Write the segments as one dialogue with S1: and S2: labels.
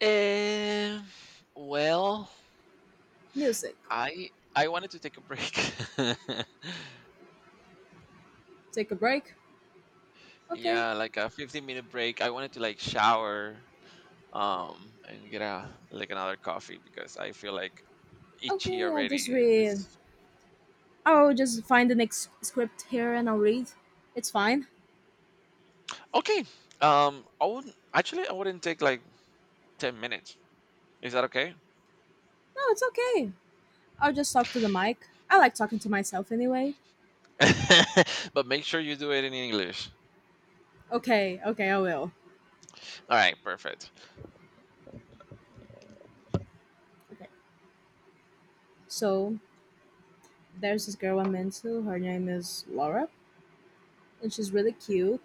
S1: Um, well,
S2: Music.
S1: I I wanted to take a break.
S2: Take a break. Okay,
S1: Yeah, like a 15-minute break. I wanted to like shower and get a like another coffee because I feel like itchy
S2: okay, I'll just
S1: already.
S2: read.
S1: It's
S2: I'll just find the next script here and I'll read. It's fine.
S1: okay. I wouldn't actually I wouldn't take like 10 minutes. Is that okay?
S2: No, it's okay. I'll just talk to the mic. I like talking to myself anyway.
S1: But make sure you do it in English.
S2: Okay, okay, I will.
S1: All right, perfect.
S2: Okay. So there's this girl I'm into. Her name is Laura, and she's really cute.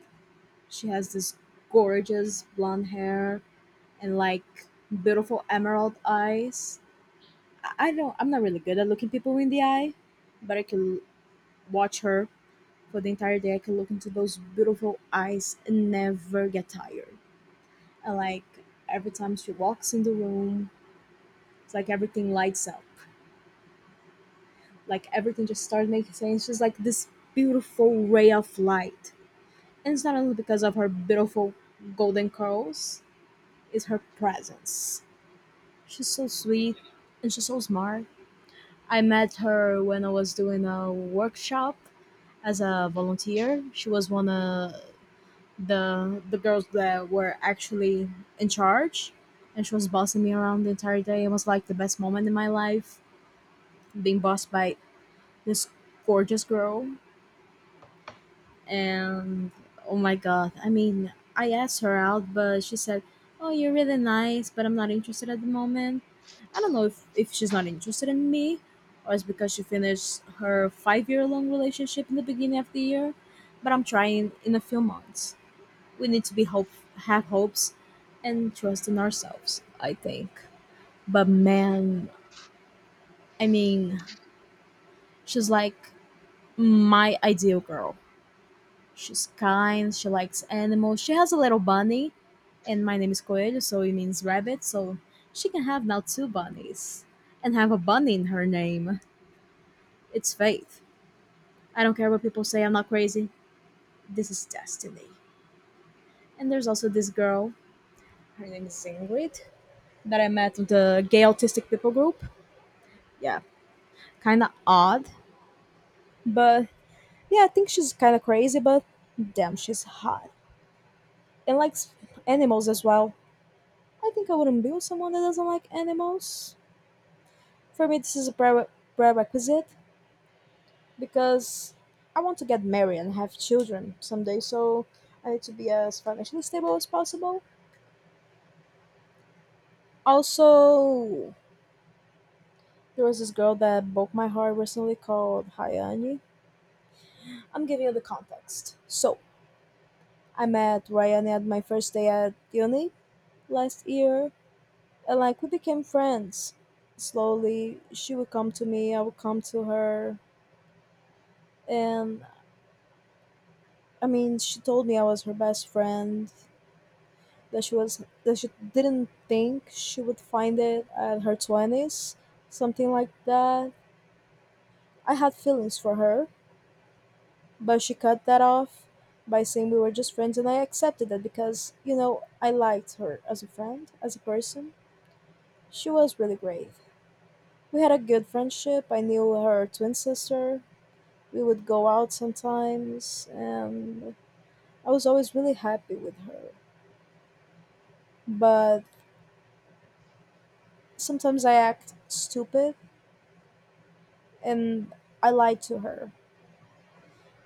S2: She has this gorgeous blonde hair and like beautiful emerald eyes. I don't. I'm not really good at looking people in the eye, but I can watch her for the entire day. I can look into those beautiful eyes and never get tired. And like every time she walks in the room, it's like everything lights up. Like everything just starts making sense. She's like this beautiful ray of light. And it's not only because of her beautiful golden curls, it's her presence. She's so sweet and she's so smart. I met her when I was doing a workshop as a volunteer. She was one of the girls that were actually in charge, and she was bossing me around the entire day. It was like the best moment in my life, being bossed by this gorgeous girl. And oh my god, I mean, I asked her out, but she said, oh, you're really nice, but I'm not interested at the moment. I don't know if she's not interested in me, or it's because she finished her 5-year long relationship in the beginning of the year. But I'm trying. In a few months, we need to be hope, have hopes and trust in ourselves, I think. But man, I mean, she's like my ideal girl. She's kind, she likes animals, she has a little bunny. And my name is Coelho, so it means rabbit, so she can have now two bunnies and have a bunny in her name. It's faith. I don't care what people say, I'm not crazy. This is destiny. And there's also this girl, her name is Ingrid, that I met in the gay autistic people group. Yeah, kind of odd, but yeah, I think she's kind of crazy, but damn, she's hot and likes animals as well. I think I wouldn't be with someone that doesn't like animals. For me, this is a prerequisite, because I want to get married and have children someday, so I need to be as financially stable as possible. Also, there was this girl that broke my heart recently called Hayani. I'm giving you the context. So, I met Ryan at my first day at uni last year. And like we became friends. Slowly, she would come to me, I would come to her, and I mean, she told me I was her best friend. That she was, that she didn't think she would find it at her 20s, something like that. I had feelings for her, but she cut that off by saying we were just friends, and I accepted that because you know I liked her as a friend, as a person. She was really great. We had a good friendship. I knew her twin sister. We would go out sometimes, and I was always really happy with her. But sometimes I act stupid, and I lied to her.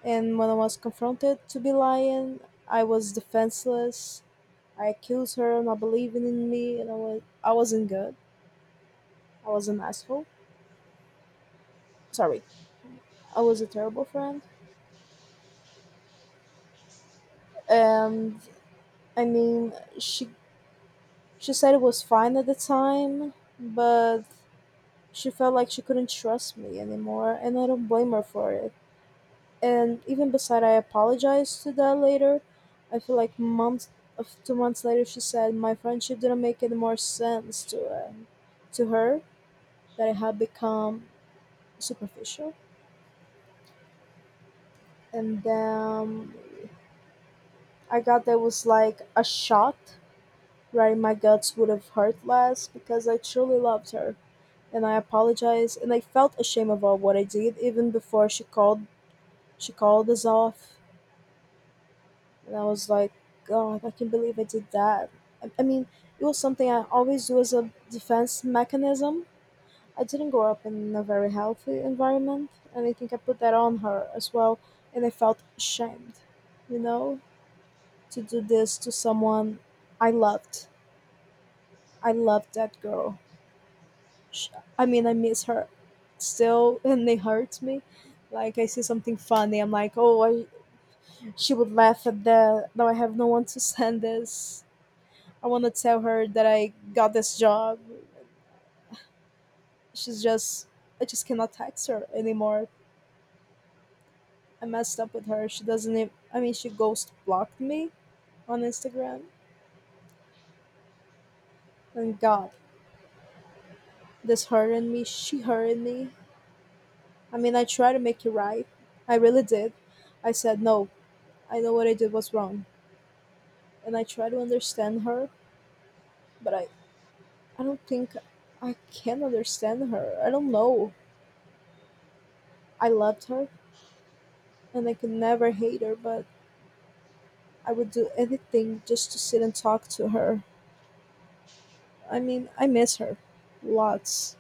S2: And when I was confronted to be lying, I was defenseless. I accused her of not believing in me, and I wasn't good. I was an asshole. Sorry, I was a terrible friend. And I mean, she said it was fine at the time, but she felt like she couldn't trust me anymore, and I don't blame her for it. And even beside, I apologized to that later. I feel like months of 2 months later, she said my friendship didn't make any more sense to her, that it had become superficial. And then I got that was like a shot. Right in my guts would have hurt less, because I truly loved her, and I apologized, and I felt ashamed about what I did even before she called. She called us off. And I was like, God, I can't believe I did that. I mean, it was something I always do as a defense mechanism. I didn't grow up in a very healthy environment, and I think I put that on her as well. And I felt ashamed, you know, to do this to someone I loved. I loved that girl. Sh I mean, I miss her still, and it hurts me. Like, I see something funny, I'm like, oh, she would laugh at that. Now I have no one to send this. I want to tell her that I got this job. She's just, I just cannot text her anymore. I messed up with her. She doesn't even, I mean, she ghost blocked me on Instagram. And God, this hurted me. She hurted me. I mean, I tried to make it right. I really did. I said, no, I know what I did was wrong. And I tried to understand her, but I don't think I can understand her. I don't know. I loved her and I could never hate her, but I would do anything just to sit and talk to her. I mean, I miss her. Lots.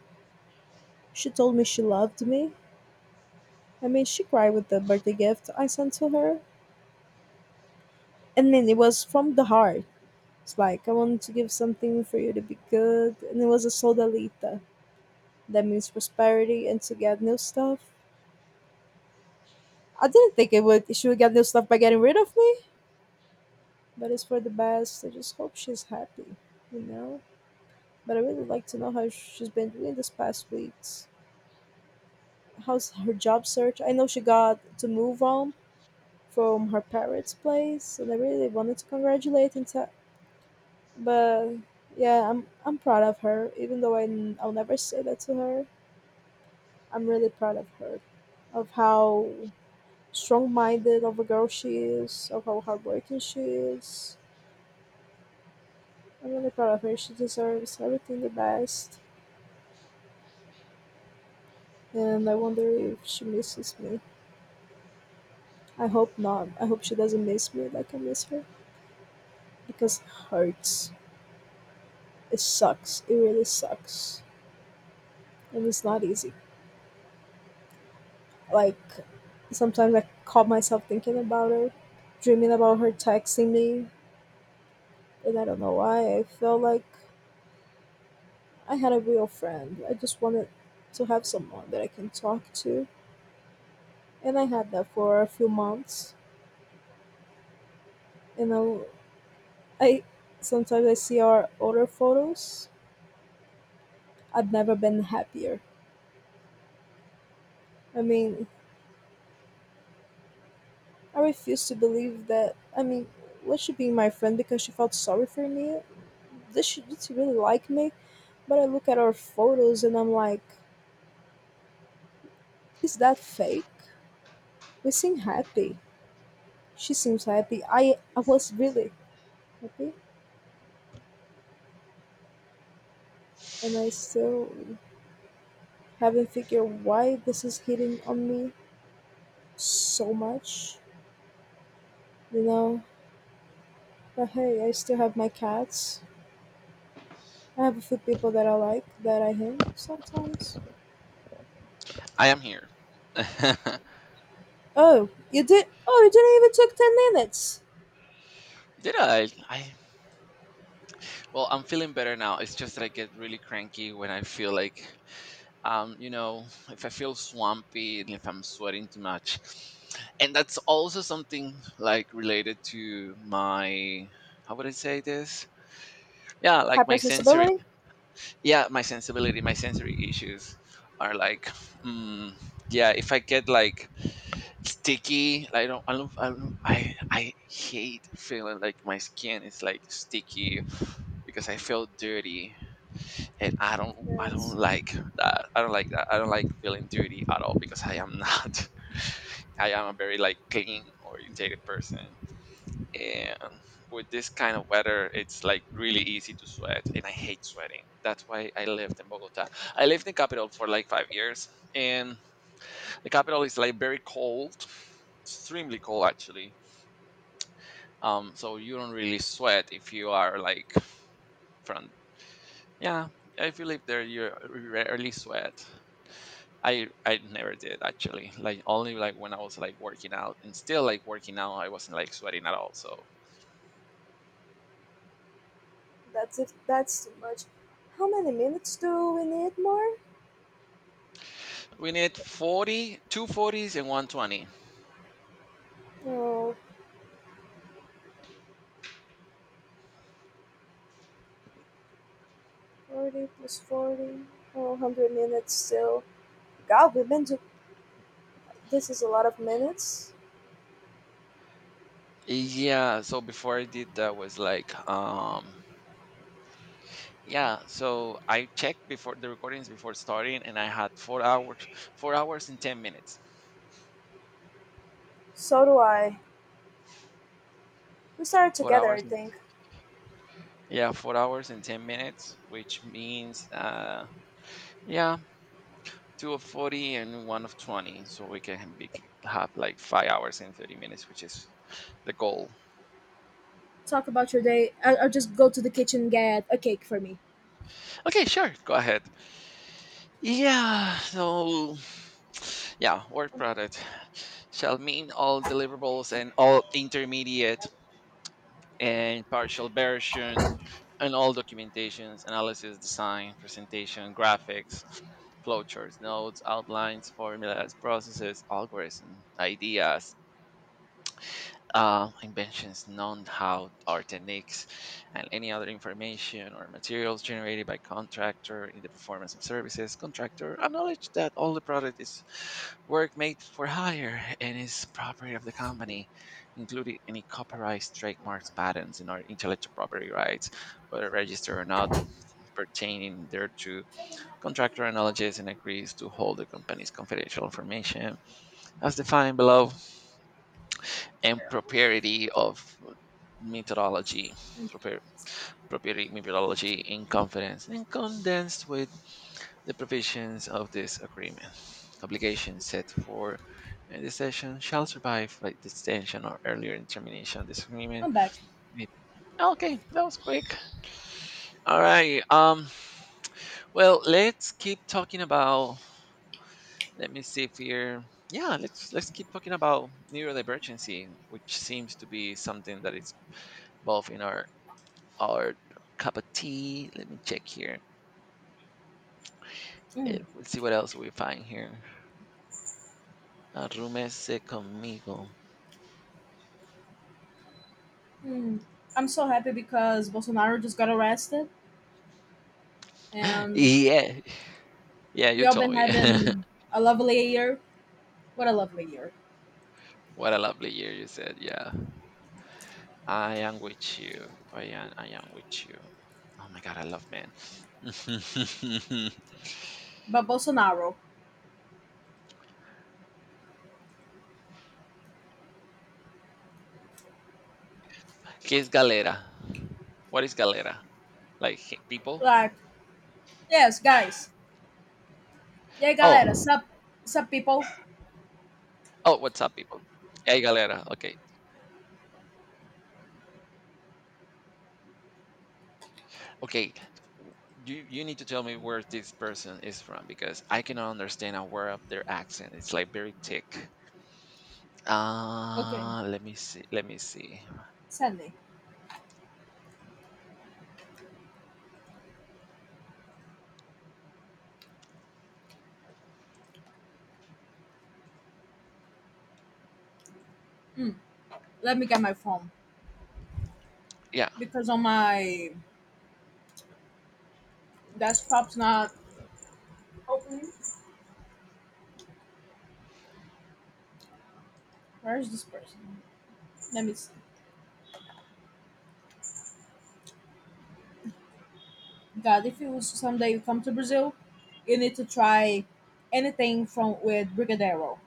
S2: She told me she loved me. I mean, she cried with the birthday gift I sent to her. I mean, it was from the heart. It's like, I wanted to give something for you to be good. And it was a soldalita. That means prosperity and to get new stuff. I didn't think it would, she would get new stuff by getting rid of me, but it's for the best. I just hope she's happy, you know? But I really like to know how she's been doing this past weeks. How's her job search? I know she got to move on from her parents' place, and I really wanted to congratulate and tell, but yeah, I'm proud of her. Even though I'll never say that to her, I'm really proud of her, of how strong-minded of a girl she is, of how hardworking she is. I'm really proud of her. She deserves everything the best, and I wonder if she misses me. I hope not. I hope she doesn't miss me like I miss her, because it hurts. It sucks. It really sucks. And it's not easy. Like, sometimes I caught myself thinking about her, dreaming about her texting me, and I don't know why. I felt like I had a real friend. I just wanted to have someone that I can talk to. And I had that for a few months. You know, I sometimes I see our older photos. I've never been happier. I mean, I refuse to believe that. I mean, was she being my friend because she felt sorry for me? This, she does, she really like me? But I look at our photos and I'm like, is that fake? We seem happy. She seems happy. I was really happy, and I still haven't figured why this is hitting on me so much, you know. But hey, I still have my cats. I have a few people that I like that I hang sometimes.
S1: I am here. Did
S2: Oh, you did? Oh, you didn't even took 10 minutes.
S1: I? Well, I'm feeling better now. It's just that I get really cranky when I feel like, you know, if I feel swampy and if I'm sweating too much. And that's also something like related to my, how would I say this? Yeah, like my sensory,
S2: Hypersensibility?
S1: yeah, my sensibility, my sensory issues are like, mm, yeah, if I get like sticky, I don't, I don't, I don't, I hate feeling like my skin is like sticky because I feel dirty and I don't
S2: Yes.
S1: like that. I don't like that. I don't like feeling dirty at all because I am not. I am a very like clean orientated person, and with this kind of weather, it's like really easy to sweat, and I hate sweating. That's why I lived in Bogota. I lived in capital for like 5 years, and the capital is like very cold, extremely cold actually. So you don't really sweat if you are like from yeah. If you live there, you rarely sweat. I never did actually. Like only like when I was like working out and still like working out, I wasn't like sweating at all. So
S2: That's it. That's too much. How many minutes do we need more?
S1: we need 40, 40s and 120.
S2: Oh, forty 40 plus 40. Oh, 100 minutes still. God, we've been to. This is a lot of minutes.
S1: Yeah, so before I did that was like yeah, so I checked before the recordings before starting and I had 4 hours 4 hours and 10 minutes.
S2: So do I. We started
S1: 4
S2: together, I
S1: hours and
S2: think.
S1: yeah, 4 hours and 10 minutes, which means yeah, two of 40 and one of 20 so we can be, have like 5 hours and 30 minutes which is the goal.
S2: Talk about your day. I'll just go to the kitchen and get a cake for me.
S1: Okay, sure, go ahead. Yeah, so yeah, work product shall mean all deliverables and all intermediate and partial version and all documentations, analysis, design, presentation, graphics, flowcharts, notes, outlines, formulas, processes, algorithms, ideas, inventions, know-how, or techniques, and any other information or materials generated by contractor in the performance of services. Contractor acknowledge that all the product is work made for hire and is property of the company, including any copyrights, trademarks, patents, and or intellectual property rights, whether registered or not, pertaining thereto. Contractor acknowledges and agrees to hold the company's confidential information as defined below and propriety of meteorology, proper, proprietary meteorology in confidence and condensed with the provisions of this agreement. Obligations set for in this session shall survive by the extension or earlier termination of this agreement.
S2: I'm back.
S1: if- Okay, that was quick. All right. Well, let's keep talking about. Let me see if we're. Yeah, let's keep talking about neurodivergency, which seems to be something that is both in our cup of tea. Let me check here.
S2: Mm.
S1: Let's see what else we find here. Arrúmese conmigo.
S2: Mm. I'm so happy because Bolsonaro just got arrested, and
S1: Yeah, yeah,
S2: we
S1: you
S2: all
S1: told
S2: been
S1: me.
S2: having a lovely year. What a lovely year!
S1: What a lovely year you said. Yeah, I am with you. I am with you. Oh my god, I love men.
S2: But Bolsonaro,
S1: ¿Qué es galera? What is galera? Like people?
S2: like, yes, guys, E aí, galera,
S1: Oh,
S2: sup, sup people?
S1: oh, what's up, people? Hey, galera. Okay, okay. You need to tell me where this person is from because I cannot understand a word of their accent. It's like very thick.
S2: Okay,
S1: Let me see. Let me see.
S2: Sunday. Mm, let me get my phone
S1: Yeah.
S2: because on my desktop's not opening. Where's this person? Let me see. God, if you someday you come to Brazil, you need to try anything from with brigadeiro.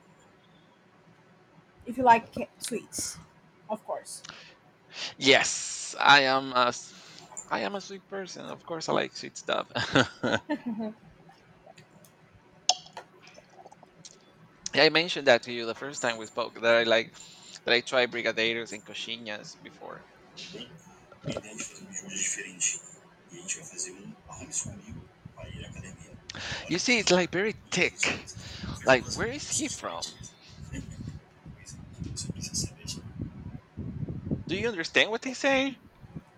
S2: If you like sweets, of course.
S1: Yes, I am I am a sweet person. Of course, I like sweet stuff. Yeah, I mentioned that to you the first time we spoke that I like that I tried brigadeiros and coxinhas before. You see, it's like very thick. Like, where is he from? Do you understand what they say?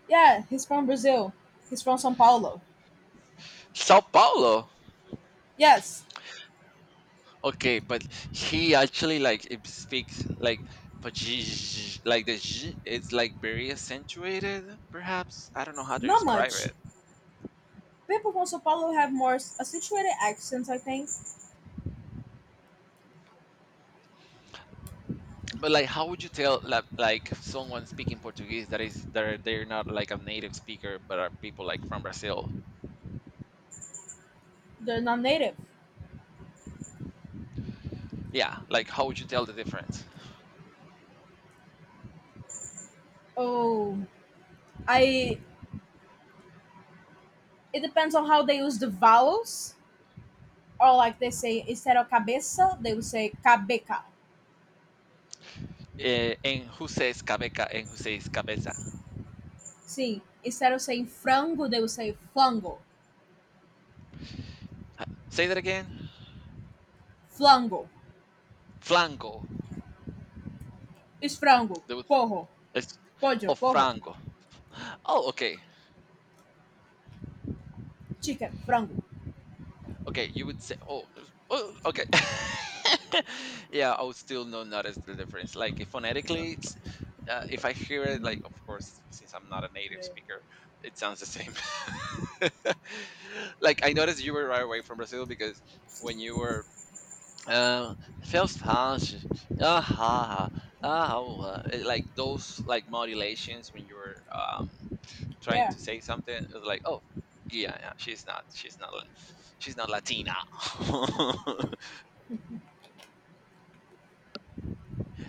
S2: Yeah, he's from Brazil. He's from São Paulo.
S1: Sao Paulo.
S2: Yes,
S1: Okay, but he actually like it speaks like but like the zh it's like very accentuated, perhaps. I don't know how to
S2: not
S1: describe
S2: much.
S1: it.
S2: People from São Paulo have more accentuated accents, I think.
S1: But like, how would you tell like someone speaking Portuguese that is they're not like a native speaker, but are people like from Brazil?
S2: They're not native.
S1: Yeah, like how would you tell the difference?
S2: Oh, I. It depends on how they use the vowels, or like they say instead of cabeça, they will say cabeca.
S1: And who says cabeca and who says cabeza?
S2: Sim, instead of saying frango, they will say flango,
S1: Say that again.
S2: flango,
S1: Flanco.
S2: esfrango,
S1: They would,
S2: porro,
S1: it's,
S2: pollo,
S1: oh,
S2: porro,
S1: frango. Oh, okay.
S2: chicken, frango.
S1: Okay, you would say, oh okay. Yeah, I would still not notice the difference. Like if phonetically, if I hear it, like of course, since I'm not a native speaker, it sounds the same. Like I noticed you were right away from Brazil because when you were uh, feels harsh. Ah, ha, ha, ah, oh, it- like those like modulations when you're trying
S2: Yeah,
S1: to say something. It's like, oh, yeah, yeah, she's not Latina.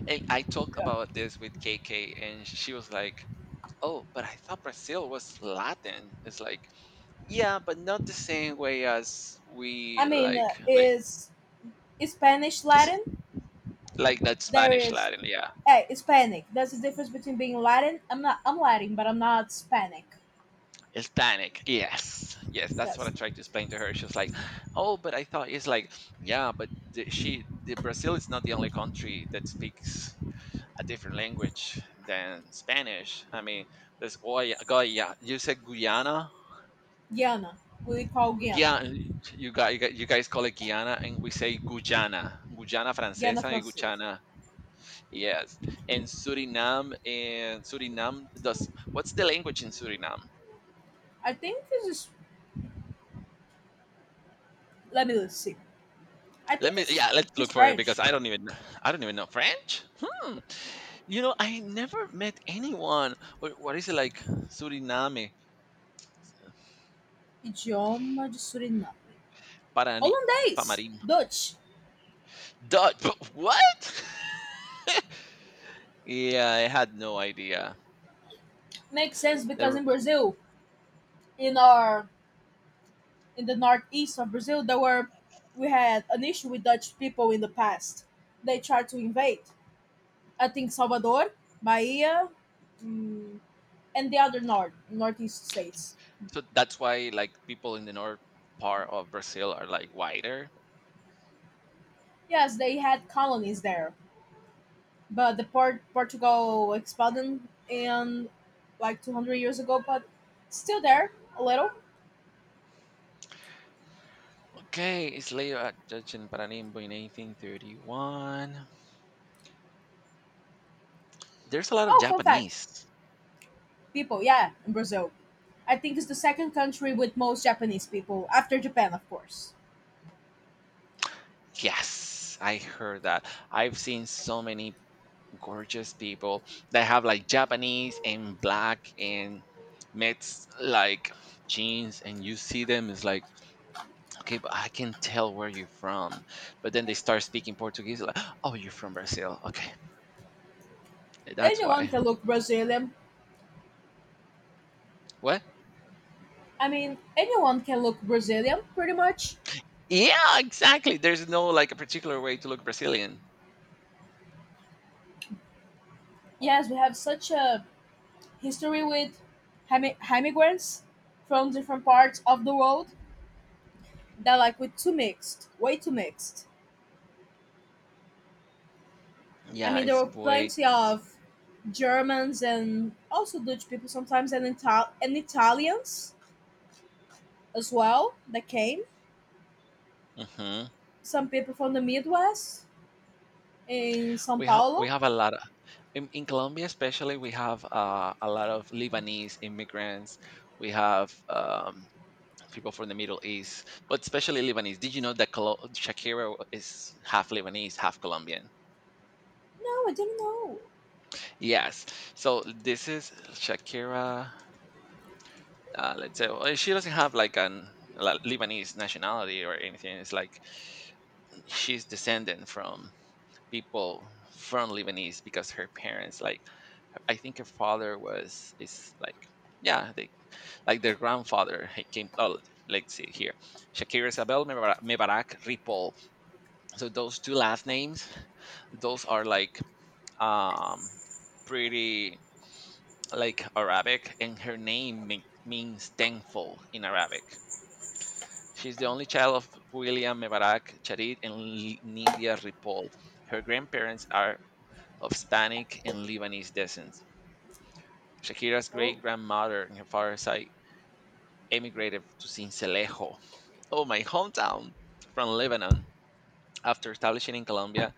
S1: And I talked
S2: yeah.
S1: about this with KK, and she was like, oh, but I thought Brazil was Latin. It's like, yeah, but not the same way as
S2: I
S1: we
S2: mean,
S1: like,
S2: is Spanish
S1: this
S2: Latin?
S1: like that
S2: There
S1: Spanish
S2: is.
S1: Latin, yeah.
S2: Hey, Hispanic. There's a difference between being Latin. I'm not. I'm Latin, but I'm not Hispanic.
S1: Hispanic. Yes. Yes. That's what I
S2: Yes,
S1: tried to explain to her. She was like, oh, but I thought it's like, yeah, but the Brazil is not the only country that speaks a different language than Spanish. I mean, there's Goya. You said Guyana?
S2: Guiana. We call Guiana.
S1: Yeah, you guys call it Guyana, and we say Guyana, Guyana
S2: Guiana
S1: Francesa and
S2: Francesa.
S1: Guyana. Yes, and Suriname does. What's the language in Suriname?
S2: I think this is. Let me see. I
S1: Let
S2: think
S1: me
S2: this
S1: yeah, let's look
S2: is
S1: for it because
S2: French.
S1: I don't even know French. Hmm. You know, I never met anyone. What is it like? Suriname,
S2: Idioma de Suriname.
S1: Parani,
S2: Hollandese.
S1: Pamarim,
S2: Dutch.
S1: Dutch. What? Yeah, I had no idea.
S2: Makes sense
S1: There
S2: because
S1: were-
S2: in Brazil, in our in the northeast of Brazil, there were we had an issue with Dutch people in the past. They tried to invade. I think Salvador, Bahia, mm, and the other northeast states.
S1: so that's why like people in the north part of Brazil are like whiter.
S2: Yes, they had colonies there. But the port Portugal expanded in like 200 years ago, but still there a little.
S1: Okay, it's later at Judge in Paranimbo in 1831. There's a lot of
S2: Oh, fun fact,
S1: Japanese.
S2: people, yeah, in Brazil, I think it's the second country with most Japanese people after Japan, of course.
S1: Yes, I heard that. I've seen so many gorgeous people that have like Japanese and black and mixed like jeans and you see them it's like okay but I can tell where you're from but then they start speaking Portuguese like oh you're from Brazil okay that's
S2: Anyone
S1: why
S2: can look Brazilian.
S1: what
S2: I mean, anyone can look Brazilian, pretty much.
S1: yeah exactly there's no like a particular way to look Brazilian
S2: Yes, we have such a history with immigrants from different parts of the world that like we're too mixed, way too mixed. I
S1: yeah
S2: mean, there
S1: it's
S2: were
S1: way
S2: plenty of Germans and also Dutch people sometimes and, and Italians as well that came.
S1: hmm
S2: Some people from the Midwest in Sao
S1: we
S2: Paulo.
S1: have a lot of in Colombia especially we have a lot of Lebanese immigrants we have people from the Middle East, but especially Lebanese. Did you know that Shakira is half Lebanese, half Colombian?
S2: No, I didn't know.
S1: Yes. So this is Shakira. Let's say well, she doesn't have like an Lebanese nationality or anything. It's like she's descendant from people from Lebanese because her parents, like I think her father was is like yeah, they like their grandfather he came. Oh, let's see here, Shakira Isabel Mebarak Mebarak Ripoll, so those two last names those are like um pretty like Arabic and her means tenfold in Arabic. She's the only child of William Mebarak Charit and Nidia Ripoll. Her grandparents are of Spanish and Lebanese descent. Shakira's
S2: Oh,
S1: great grandmother and her father's side emigrated to Sincelejo, oh my hometown, from Lebanon. After establishing in Colombia,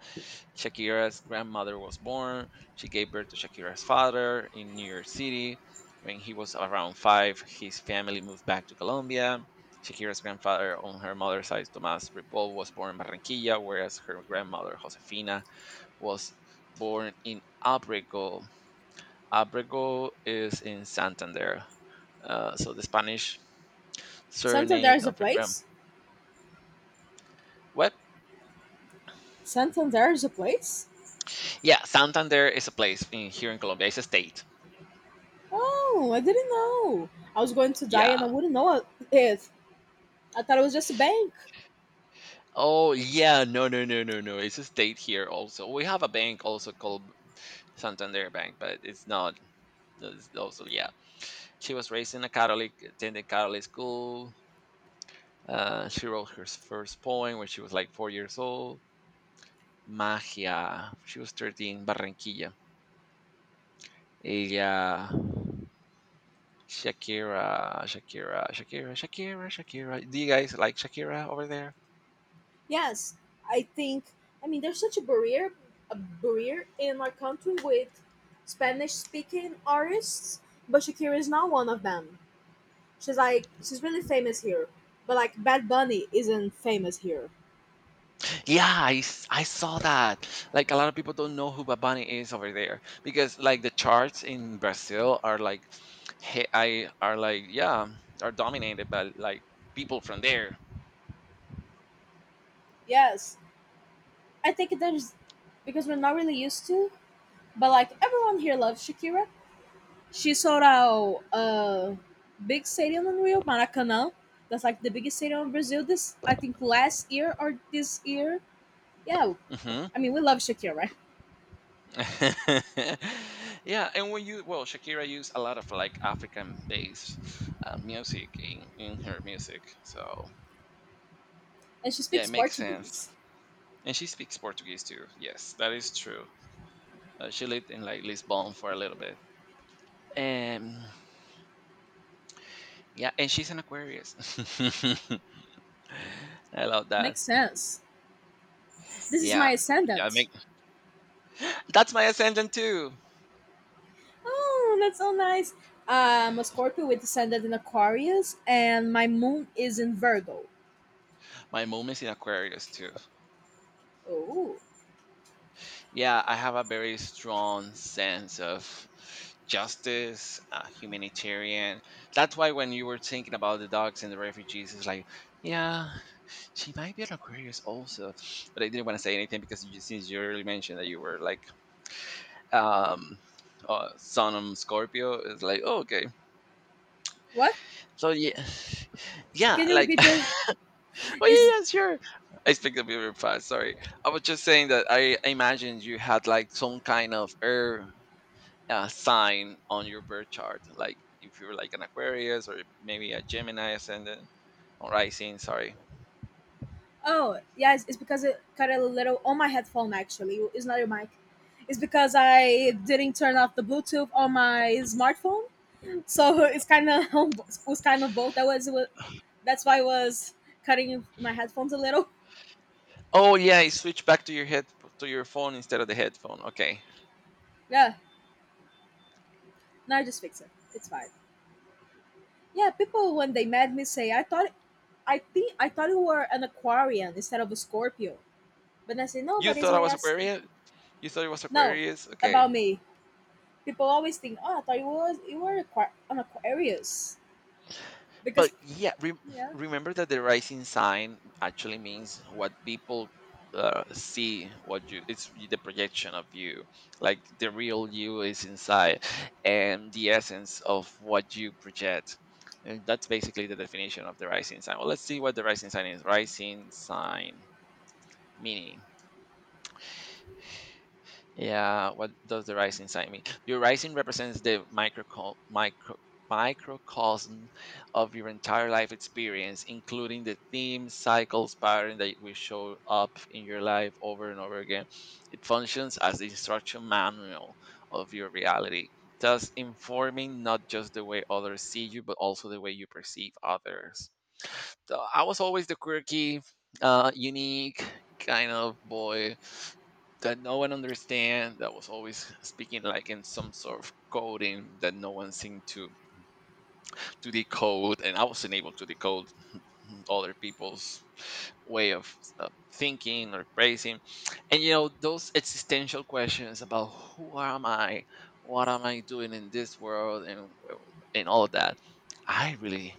S1: Shakira's grandmother was born. She gave birth to Shakira's father in New York City. When he was around five, his family moved back to Colombia. Shakira's grandfather on her mother's side, Tomás Ripoll, was born in Barranquilla, whereas her grandmother, Josefina, was born in Abrego. Abrego is in Santander. So the Spanish
S2: Santander
S1: surname
S2: is a
S1: of her grand.
S2: place.
S1: What?
S2: Santander is a place.
S1: Yeah, Santander is a place in here in Colombia. It's a state.
S2: Oh, I didn't know. I was going to die
S1: Yeah,
S2: and I wouldn't know it. I thought it was just a bank.
S1: oh yeah, no. It's a state here also. We have a bank also called Santander Bank, but it's not. It's also yeah. She was raised in a Catholic, attended Catholic school. She wrote her first poem when she was like 4 years old. Magia. She was 13. Barranquilla. Ella. Shakira, Shakira, Shakira, Shakira, Shakira. Do you guys like Shakira over there?
S2: Yes, I think. I mean, there's such a barrier in our country with Spanish-speaking artists, but Shakira is not one of them. She's like, she's really famous here, but like Bad Bunny isn't famous here.
S1: Yeah, I saw that. Like a lot of people don't know who Bad Bunny is over there because like the charts in Brazil are like, yeah are dominated by like people from there.
S2: Yes, I think there's because we're not really used to, but like everyone here loves Shakira. She sold out a big stadium in Rio, Maracanã. That's like the biggest stadium in Brazil. This I think last year or this year. Yeah,
S1: Hmm.
S2: I mean we love Shakira, right?
S1: Yeah, and when you well Shakira used a lot of like African based music in her music, so
S2: And she
S1: yeah, it
S2: speaks
S1: makes sense.
S2: Portuguese.
S1: And she speaks Portuguese too. Yes, that is true. She lived in like Lisbon for a little bit. Um, Yeah, and she's an Aquarius. I love that.
S2: Makes sense. This is
S1: Yeah.
S2: my
S1: Yeah, I mean,
S2: ascendant.
S1: that's my ascendant too.
S2: Oh, that's so nice. I'm a
S1: Yeah.
S2: Scorpio with descendant in Aquarius, and my moon is in Virgo.
S1: My mom is in Aquarius too.
S2: Oh,
S1: Yeah, I have a very strong sense of justice, humanitarian. That's why when you were thinking about the dogs and the refugees, it's like, yeah, she might be an Aquarius also. But I didn't want to say anything because since you already mentioned that you were like, um, son of Scorpio, it's like, oh, okay.
S2: what?
S1: So yeah, yeah,
S2: Can you
S1: like,
S2: repeat this?
S1: oh
S2: Is
S1: yeah, yeah, sure. I speak a bit very fast. Sorry, I was just saying that I imagined you had like some kind of air sign on your birth chart, like if you're like an Aquarius or maybe a Gemini ascendant or Rising. Sorry.
S2: oh yes, it's because it cut a little on my headphone. Actually, it's not your mic. It's because I didn't turn off the Bluetooth on my smartphone, so it's kind of it was kind of both. That was that's why I was cutting my headphones a little.
S1: Oh yeah, it switched back to your head to your phone instead of the headphone. Okay,
S2: Yeah, now I just fix it. It's fine. Yeah, people when they met me say I thought you were an Aquarian instead of a Scorpio. But I say no,
S1: you
S2: but it's
S1: thought I
S2: my
S1: was
S2: as,
S1: Aquarius. You thought it was
S2: no,
S1: Aquarius. Okay.
S2: about me. People always think, oh, I thought you were an Aquarius
S1: But
S2: because
S1: yeah,
S2: yeah,
S1: remember that the rising sign actually means what people see. What you It's the projection of you, like the real you is inside, and the essence of what you project. And that's basically the definition of the rising sign. Well, let's see what the rising sign is. Rising sign meaning. Yeah, what does the rising sign mean? Your rising represents the microcosm of your entire life experience, including the themes, cycles, pattern that will show up in your life over and over again. It functions as the instruction manual of your reality, thus informing not just the way others see you, but also the way you perceive others. So I was always the quirky, unique kind of boy that no one understand. That was always speaking like in some sort of coding that no one seemed to decode, and I wasn't able to decode other people's way of thinking or praising. And you know those existential questions about who am I, what am I doing in this world, and well, and all of that. I really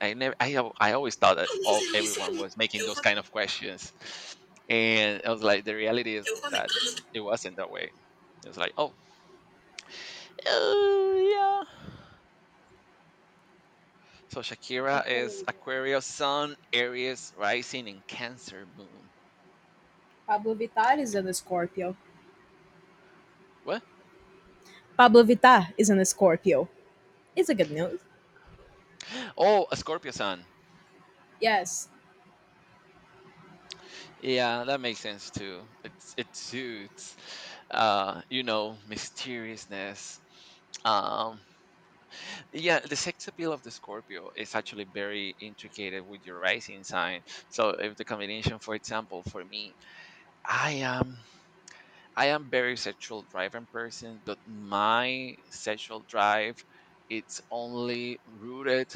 S1: I never, I, al- I always thought that all everyone was making those
S2: I
S1: kind of questions, and I was like, the reality is that it wasn't that way. It was like, oh, yeah. So Shakira is
S2: totally get it.
S1: Aquarius Sun, Aries Rising, and Cancer Moon.
S2: Pablo Vittar is an Scorpio.
S1: What?
S2: Pablo Vittar is an Scorpio. It's a good news.
S1: Oh, a Scorpio Sun.
S2: Yes.
S1: Yeah, that makes sense too. It suits, you know, mysteriousness. Um, Yeah, the sex appeal of the Scorpio is actually very intricated with your rising sign. So if the combination, for example, for me, I am I am very sexual driven person, but my sexual drive it's only rooted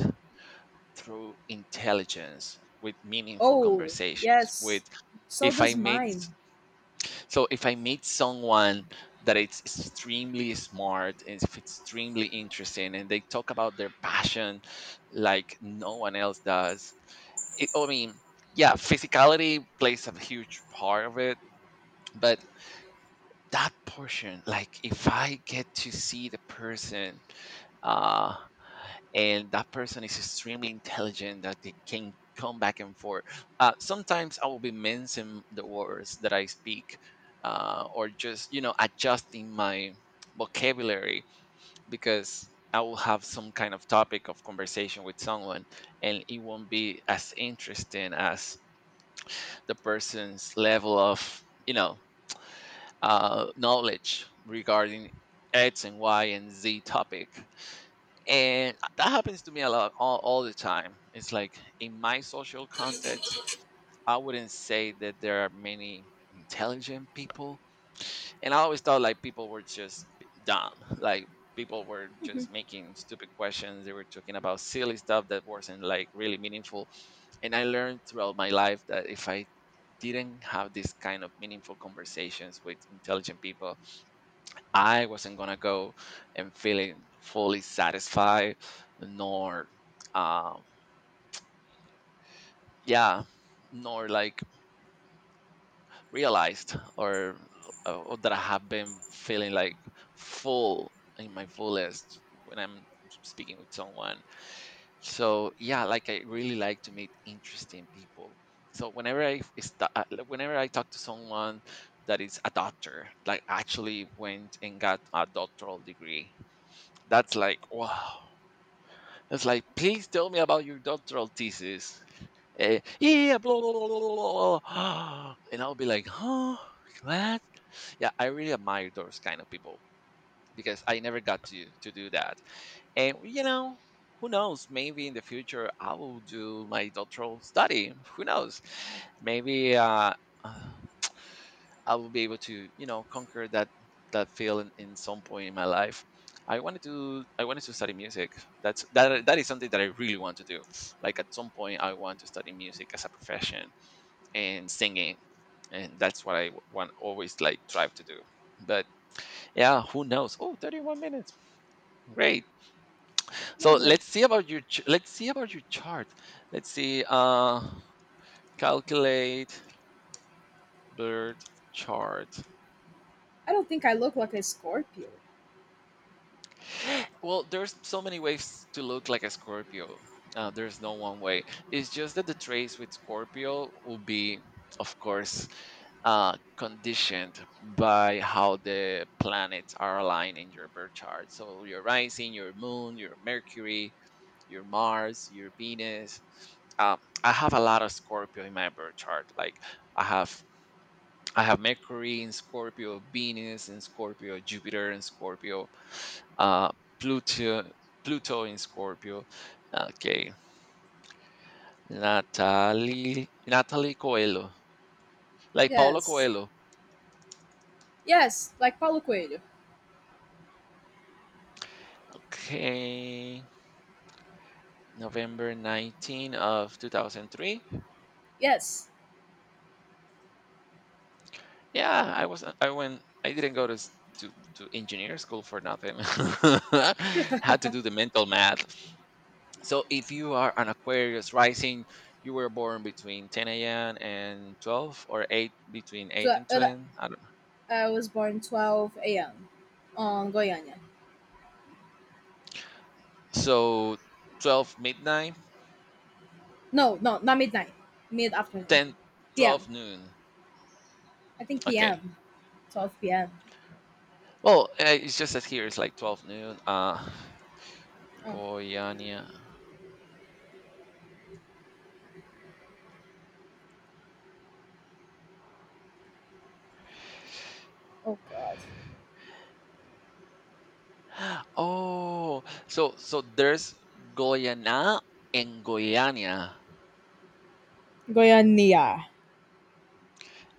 S1: through intelligence with meaningful
S2: Oh
S1: conversations with.
S2: yes. So
S1: if I
S2: does
S1: made
S2: mine.
S1: so if I meet someone that it's extremely smart and if it's extremely interesting and they talk about their passion like no one else does it. I mean, yeah, physicality plays a huge part of it, but that portion, like if I get to see the person uh and that person is extremely intelligent that they can come back and forth. Sometimes I will be mincing the words that I speak, or just you know adjusting my vocabulary because I will have some kind of topic of conversation with someone, and it won't be as interesting as the person's level of you know knowledge regarding X and Y and Z topic. And that happens to me a lot all the time. It's like, in my social context I wouldn't say that there are many intelligent people, and I always thought like people were just dumb. Like people were just making stupid questions. They were talking about silly stuff that wasn't like really meaningful, and I learned throughout my life that if I didn't have this kind of meaningful conversations with intelligent people, I wasn't gonna go and feeling fully satisfied, nor, um, yeah, nor like realized, or, that I have been feeling like full in my fullest when I'm speaking with someone. So yeah, like I really like to meet interesting people. So whenever I f- is ta- like, whenever I talk to someone that is a doctor, like actually went and got a doctoral degree, that's like, wow. It's like, please tell me about your doctoral thesis. Eh, yeah, blah, blah, blah, blah, blah. And I'll be like, huh? What? Yeah, I really admire those kind of people, because I never got to do that. And, who knows? Maybe in the future I will do my doctoral study. Who knows? Maybe I will be able to, you know, conquer that feeling in some point in my life. I wanted to study music. That is something that I really want to do. Like at some point I want to study music as a profession and singing. And that's what I want always like strive to do. But yeah, who knows? Oh, 31 minutes. Great. So
S2: Lovely.
S1: let's see about your chart. Let's see, calculate bird chart.
S2: I don't think I look like a Scorpio.
S1: Well, there's so many ways to look like a Scorpio. There's no one way. It's just that the traits with Scorpio will be, of course, conditioned by how the planets are aligned in your birth chart. So your rising, your moon, your Mercury, your Mars, your Venus. Um, I have a lot of Scorpio in my birth chart. Like I have, I have Mercury in Scorpio, Venus in Scorpio, Jupiter in Scorpio, uh, Pluto, in Scorpio. Okay, Natalie Coelho, like Paulo
S2: Yes.
S1: Coelho.
S2: Yes, like Paulo Coelho.
S1: Okay, November 19 of 2003.
S2: Yes.
S1: Yeah, I was I went I didn't go to engineer school for nothing. Had to do the mental math. So if you are an Aquarius rising, you were born between 10 a.m. and 12, or 8, between 8
S2: So,
S1: and 10. I
S2: I was born 12 a.m. on Goiânia.
S1: So 12 midnight,
S2: No, no, not midnight. Mid-afternoon.
S1: 10,
S2: P.m.
S1: 12 noon.
S2: I think
S1: Okay.
S2: P.m. 12 p.m.
S1: Well, it's just that here it's like 12 noon.
S2: Oh,
S1: Goiânia.
S2: oh God.
S1: Oh, so there's Goiânia and Goiânia,
S2: Goiânia.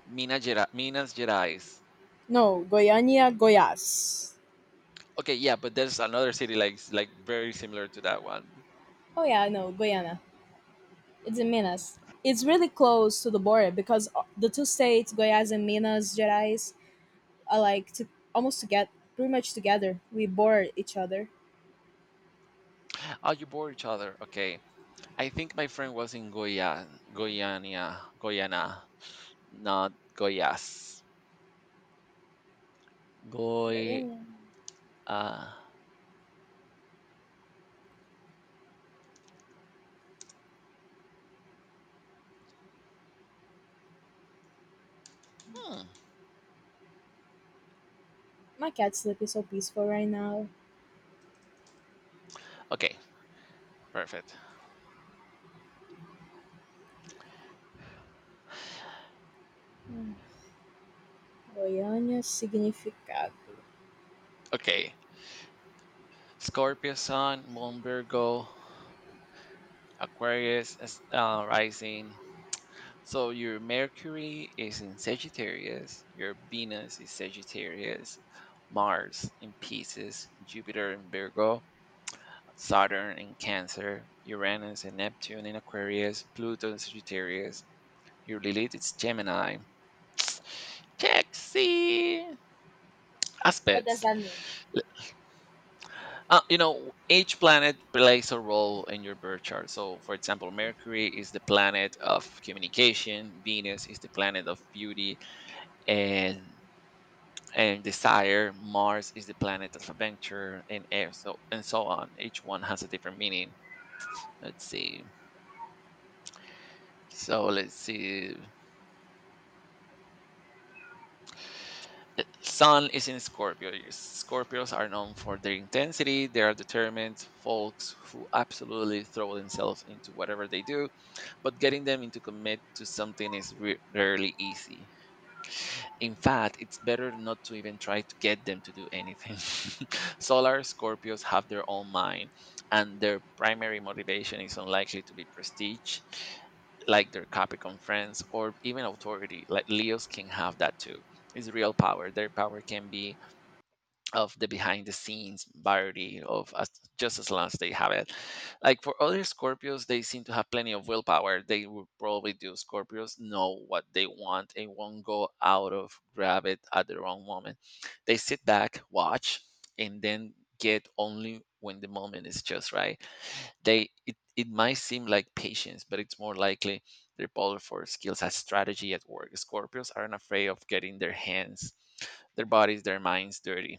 S1: Minas Gerais.
S2: No, Goiânia, Goiás.
S1: Okay, yeah, but there's another city like very similar to that one.
S2: Oh yeah, no, Goiânia. It's in Minas. It's really close to the border because the two states, Goiás and Minas Gerais, are like to, almost to get pretty much together. We border each other.
S1: Oh, you bore each other. Okay, I think my friend was in Goiânia, not Goiás.
S2: Goiânia.
S1: Uh, hmm.
S2: My cat sleep is so peaceful right now.
S1: Okay, perfect.
S2: Mm. Goiânia significado.
S1: Okay, Scorpio Sun, Moon Virgo, Aquarius is, rising. So your Mercury is in Sagittarius, your Venus is Sagittarius, Mars in Pisces, Jupiter in Virgo, Saturn in Cancer, Uranus and Neptune in Aquarius, Pluto in Sagittarius, your Lilith is Gemini. Check, see
S2: What does
S1: aspects.
S2: that mean?
S1: You know, each planet plays a role in your birth chart. So, for example, Mercury is the planet of communication, Venus is the planet of beauty and desire, Mars is the planet of adventure, and Earth, so and so on. Each one has a different meaning. Let's see. So let's see. Sun is in Scorpio. Your Scorpios are known for their intensity. They are determined folks who absolutely throw themselves into whatever they do, but getting them into commit to something is rarely easy. In fact, it's better not to even try to get them to do anything. Solar Scorpios have their own mind, and their primary motivation is unlikely to be prestige, like their Capricorn friends, or even authority. Like Leos can have that too. It's real power. Their power can be of the behind the scenes variety just as long as they have it. Like for other Scorpios, they seem to have plenty of willpower. They would probably do. Scorpios know what they want and won't go out of grab it at the wrong moment. They sit back, watch, and then get only when the moment is just right. It might seem like patience, but it's more likely their polar force skills as strategy at work. Scorpios aren't afraid of getting their hands, their bodies, their minds dirty.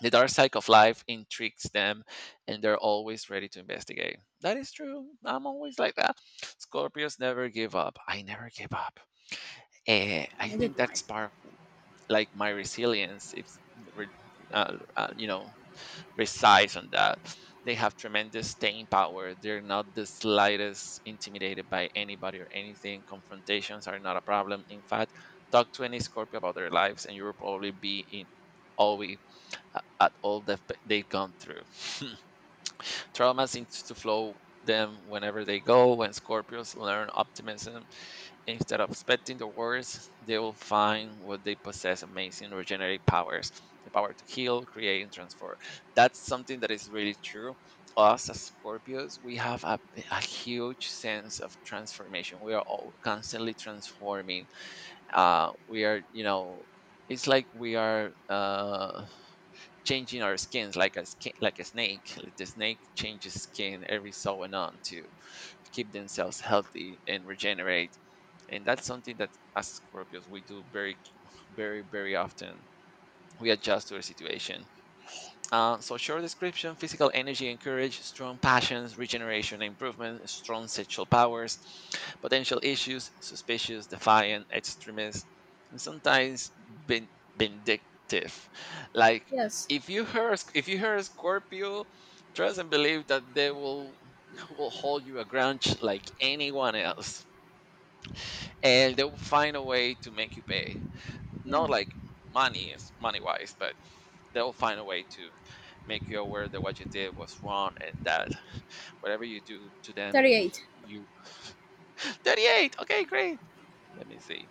S1: The dark side of life intrigues them, and they're always ready to investigate. That is true. I'm always like that. Scorpios never give up. I never give up. Eh, I
S2: Neither
S1: think
S2: do
S1: that's
S2: I.
S1: part, like my resilience, it's re- you know resides on that. They have tremendous staying power. They're not the slightest intimidated by anybody or anything. Confrontations are not a problem. In fact, talk to any Scorpio about their lives, and you will probably be in always at all that they've gone through. Trauma seems to flow them whenever they go. When Scorpios learn optimism, instead of expecting the worst, they will find what they possess, amazing regenerative powers, the power to heal, create, and transform. That's something that is really true. Us as Scorpios, we have a huge sense of transformation. We are all constantly transforming. We are, you know, it's like we are. Changing our skins like a skin, like a snake. Like, the snake changes skin every so and on to keep themselves healthy and regenerate. And that's something that as Scorpios we do very, very, very often. We adjust to the situation. So short description: physical energy and courage, strong passions, regeneration, and improvement, strong sexual powers. Potential issues: suspicious, defiant, extremist, and sometimes vindictive. Like
S2: Yes.
S1: if you hurt Scorpio, trust and believe that they will hold you a grudge like anyone else, and they will find a way to make you pay.
S2: Yeah.
S1: Not like money money wise, but they'll find a way to make you aware that what you did was wrong, and that whatever you do to them.
S2: 38.
S1: You 38. Okay, great. Let me see.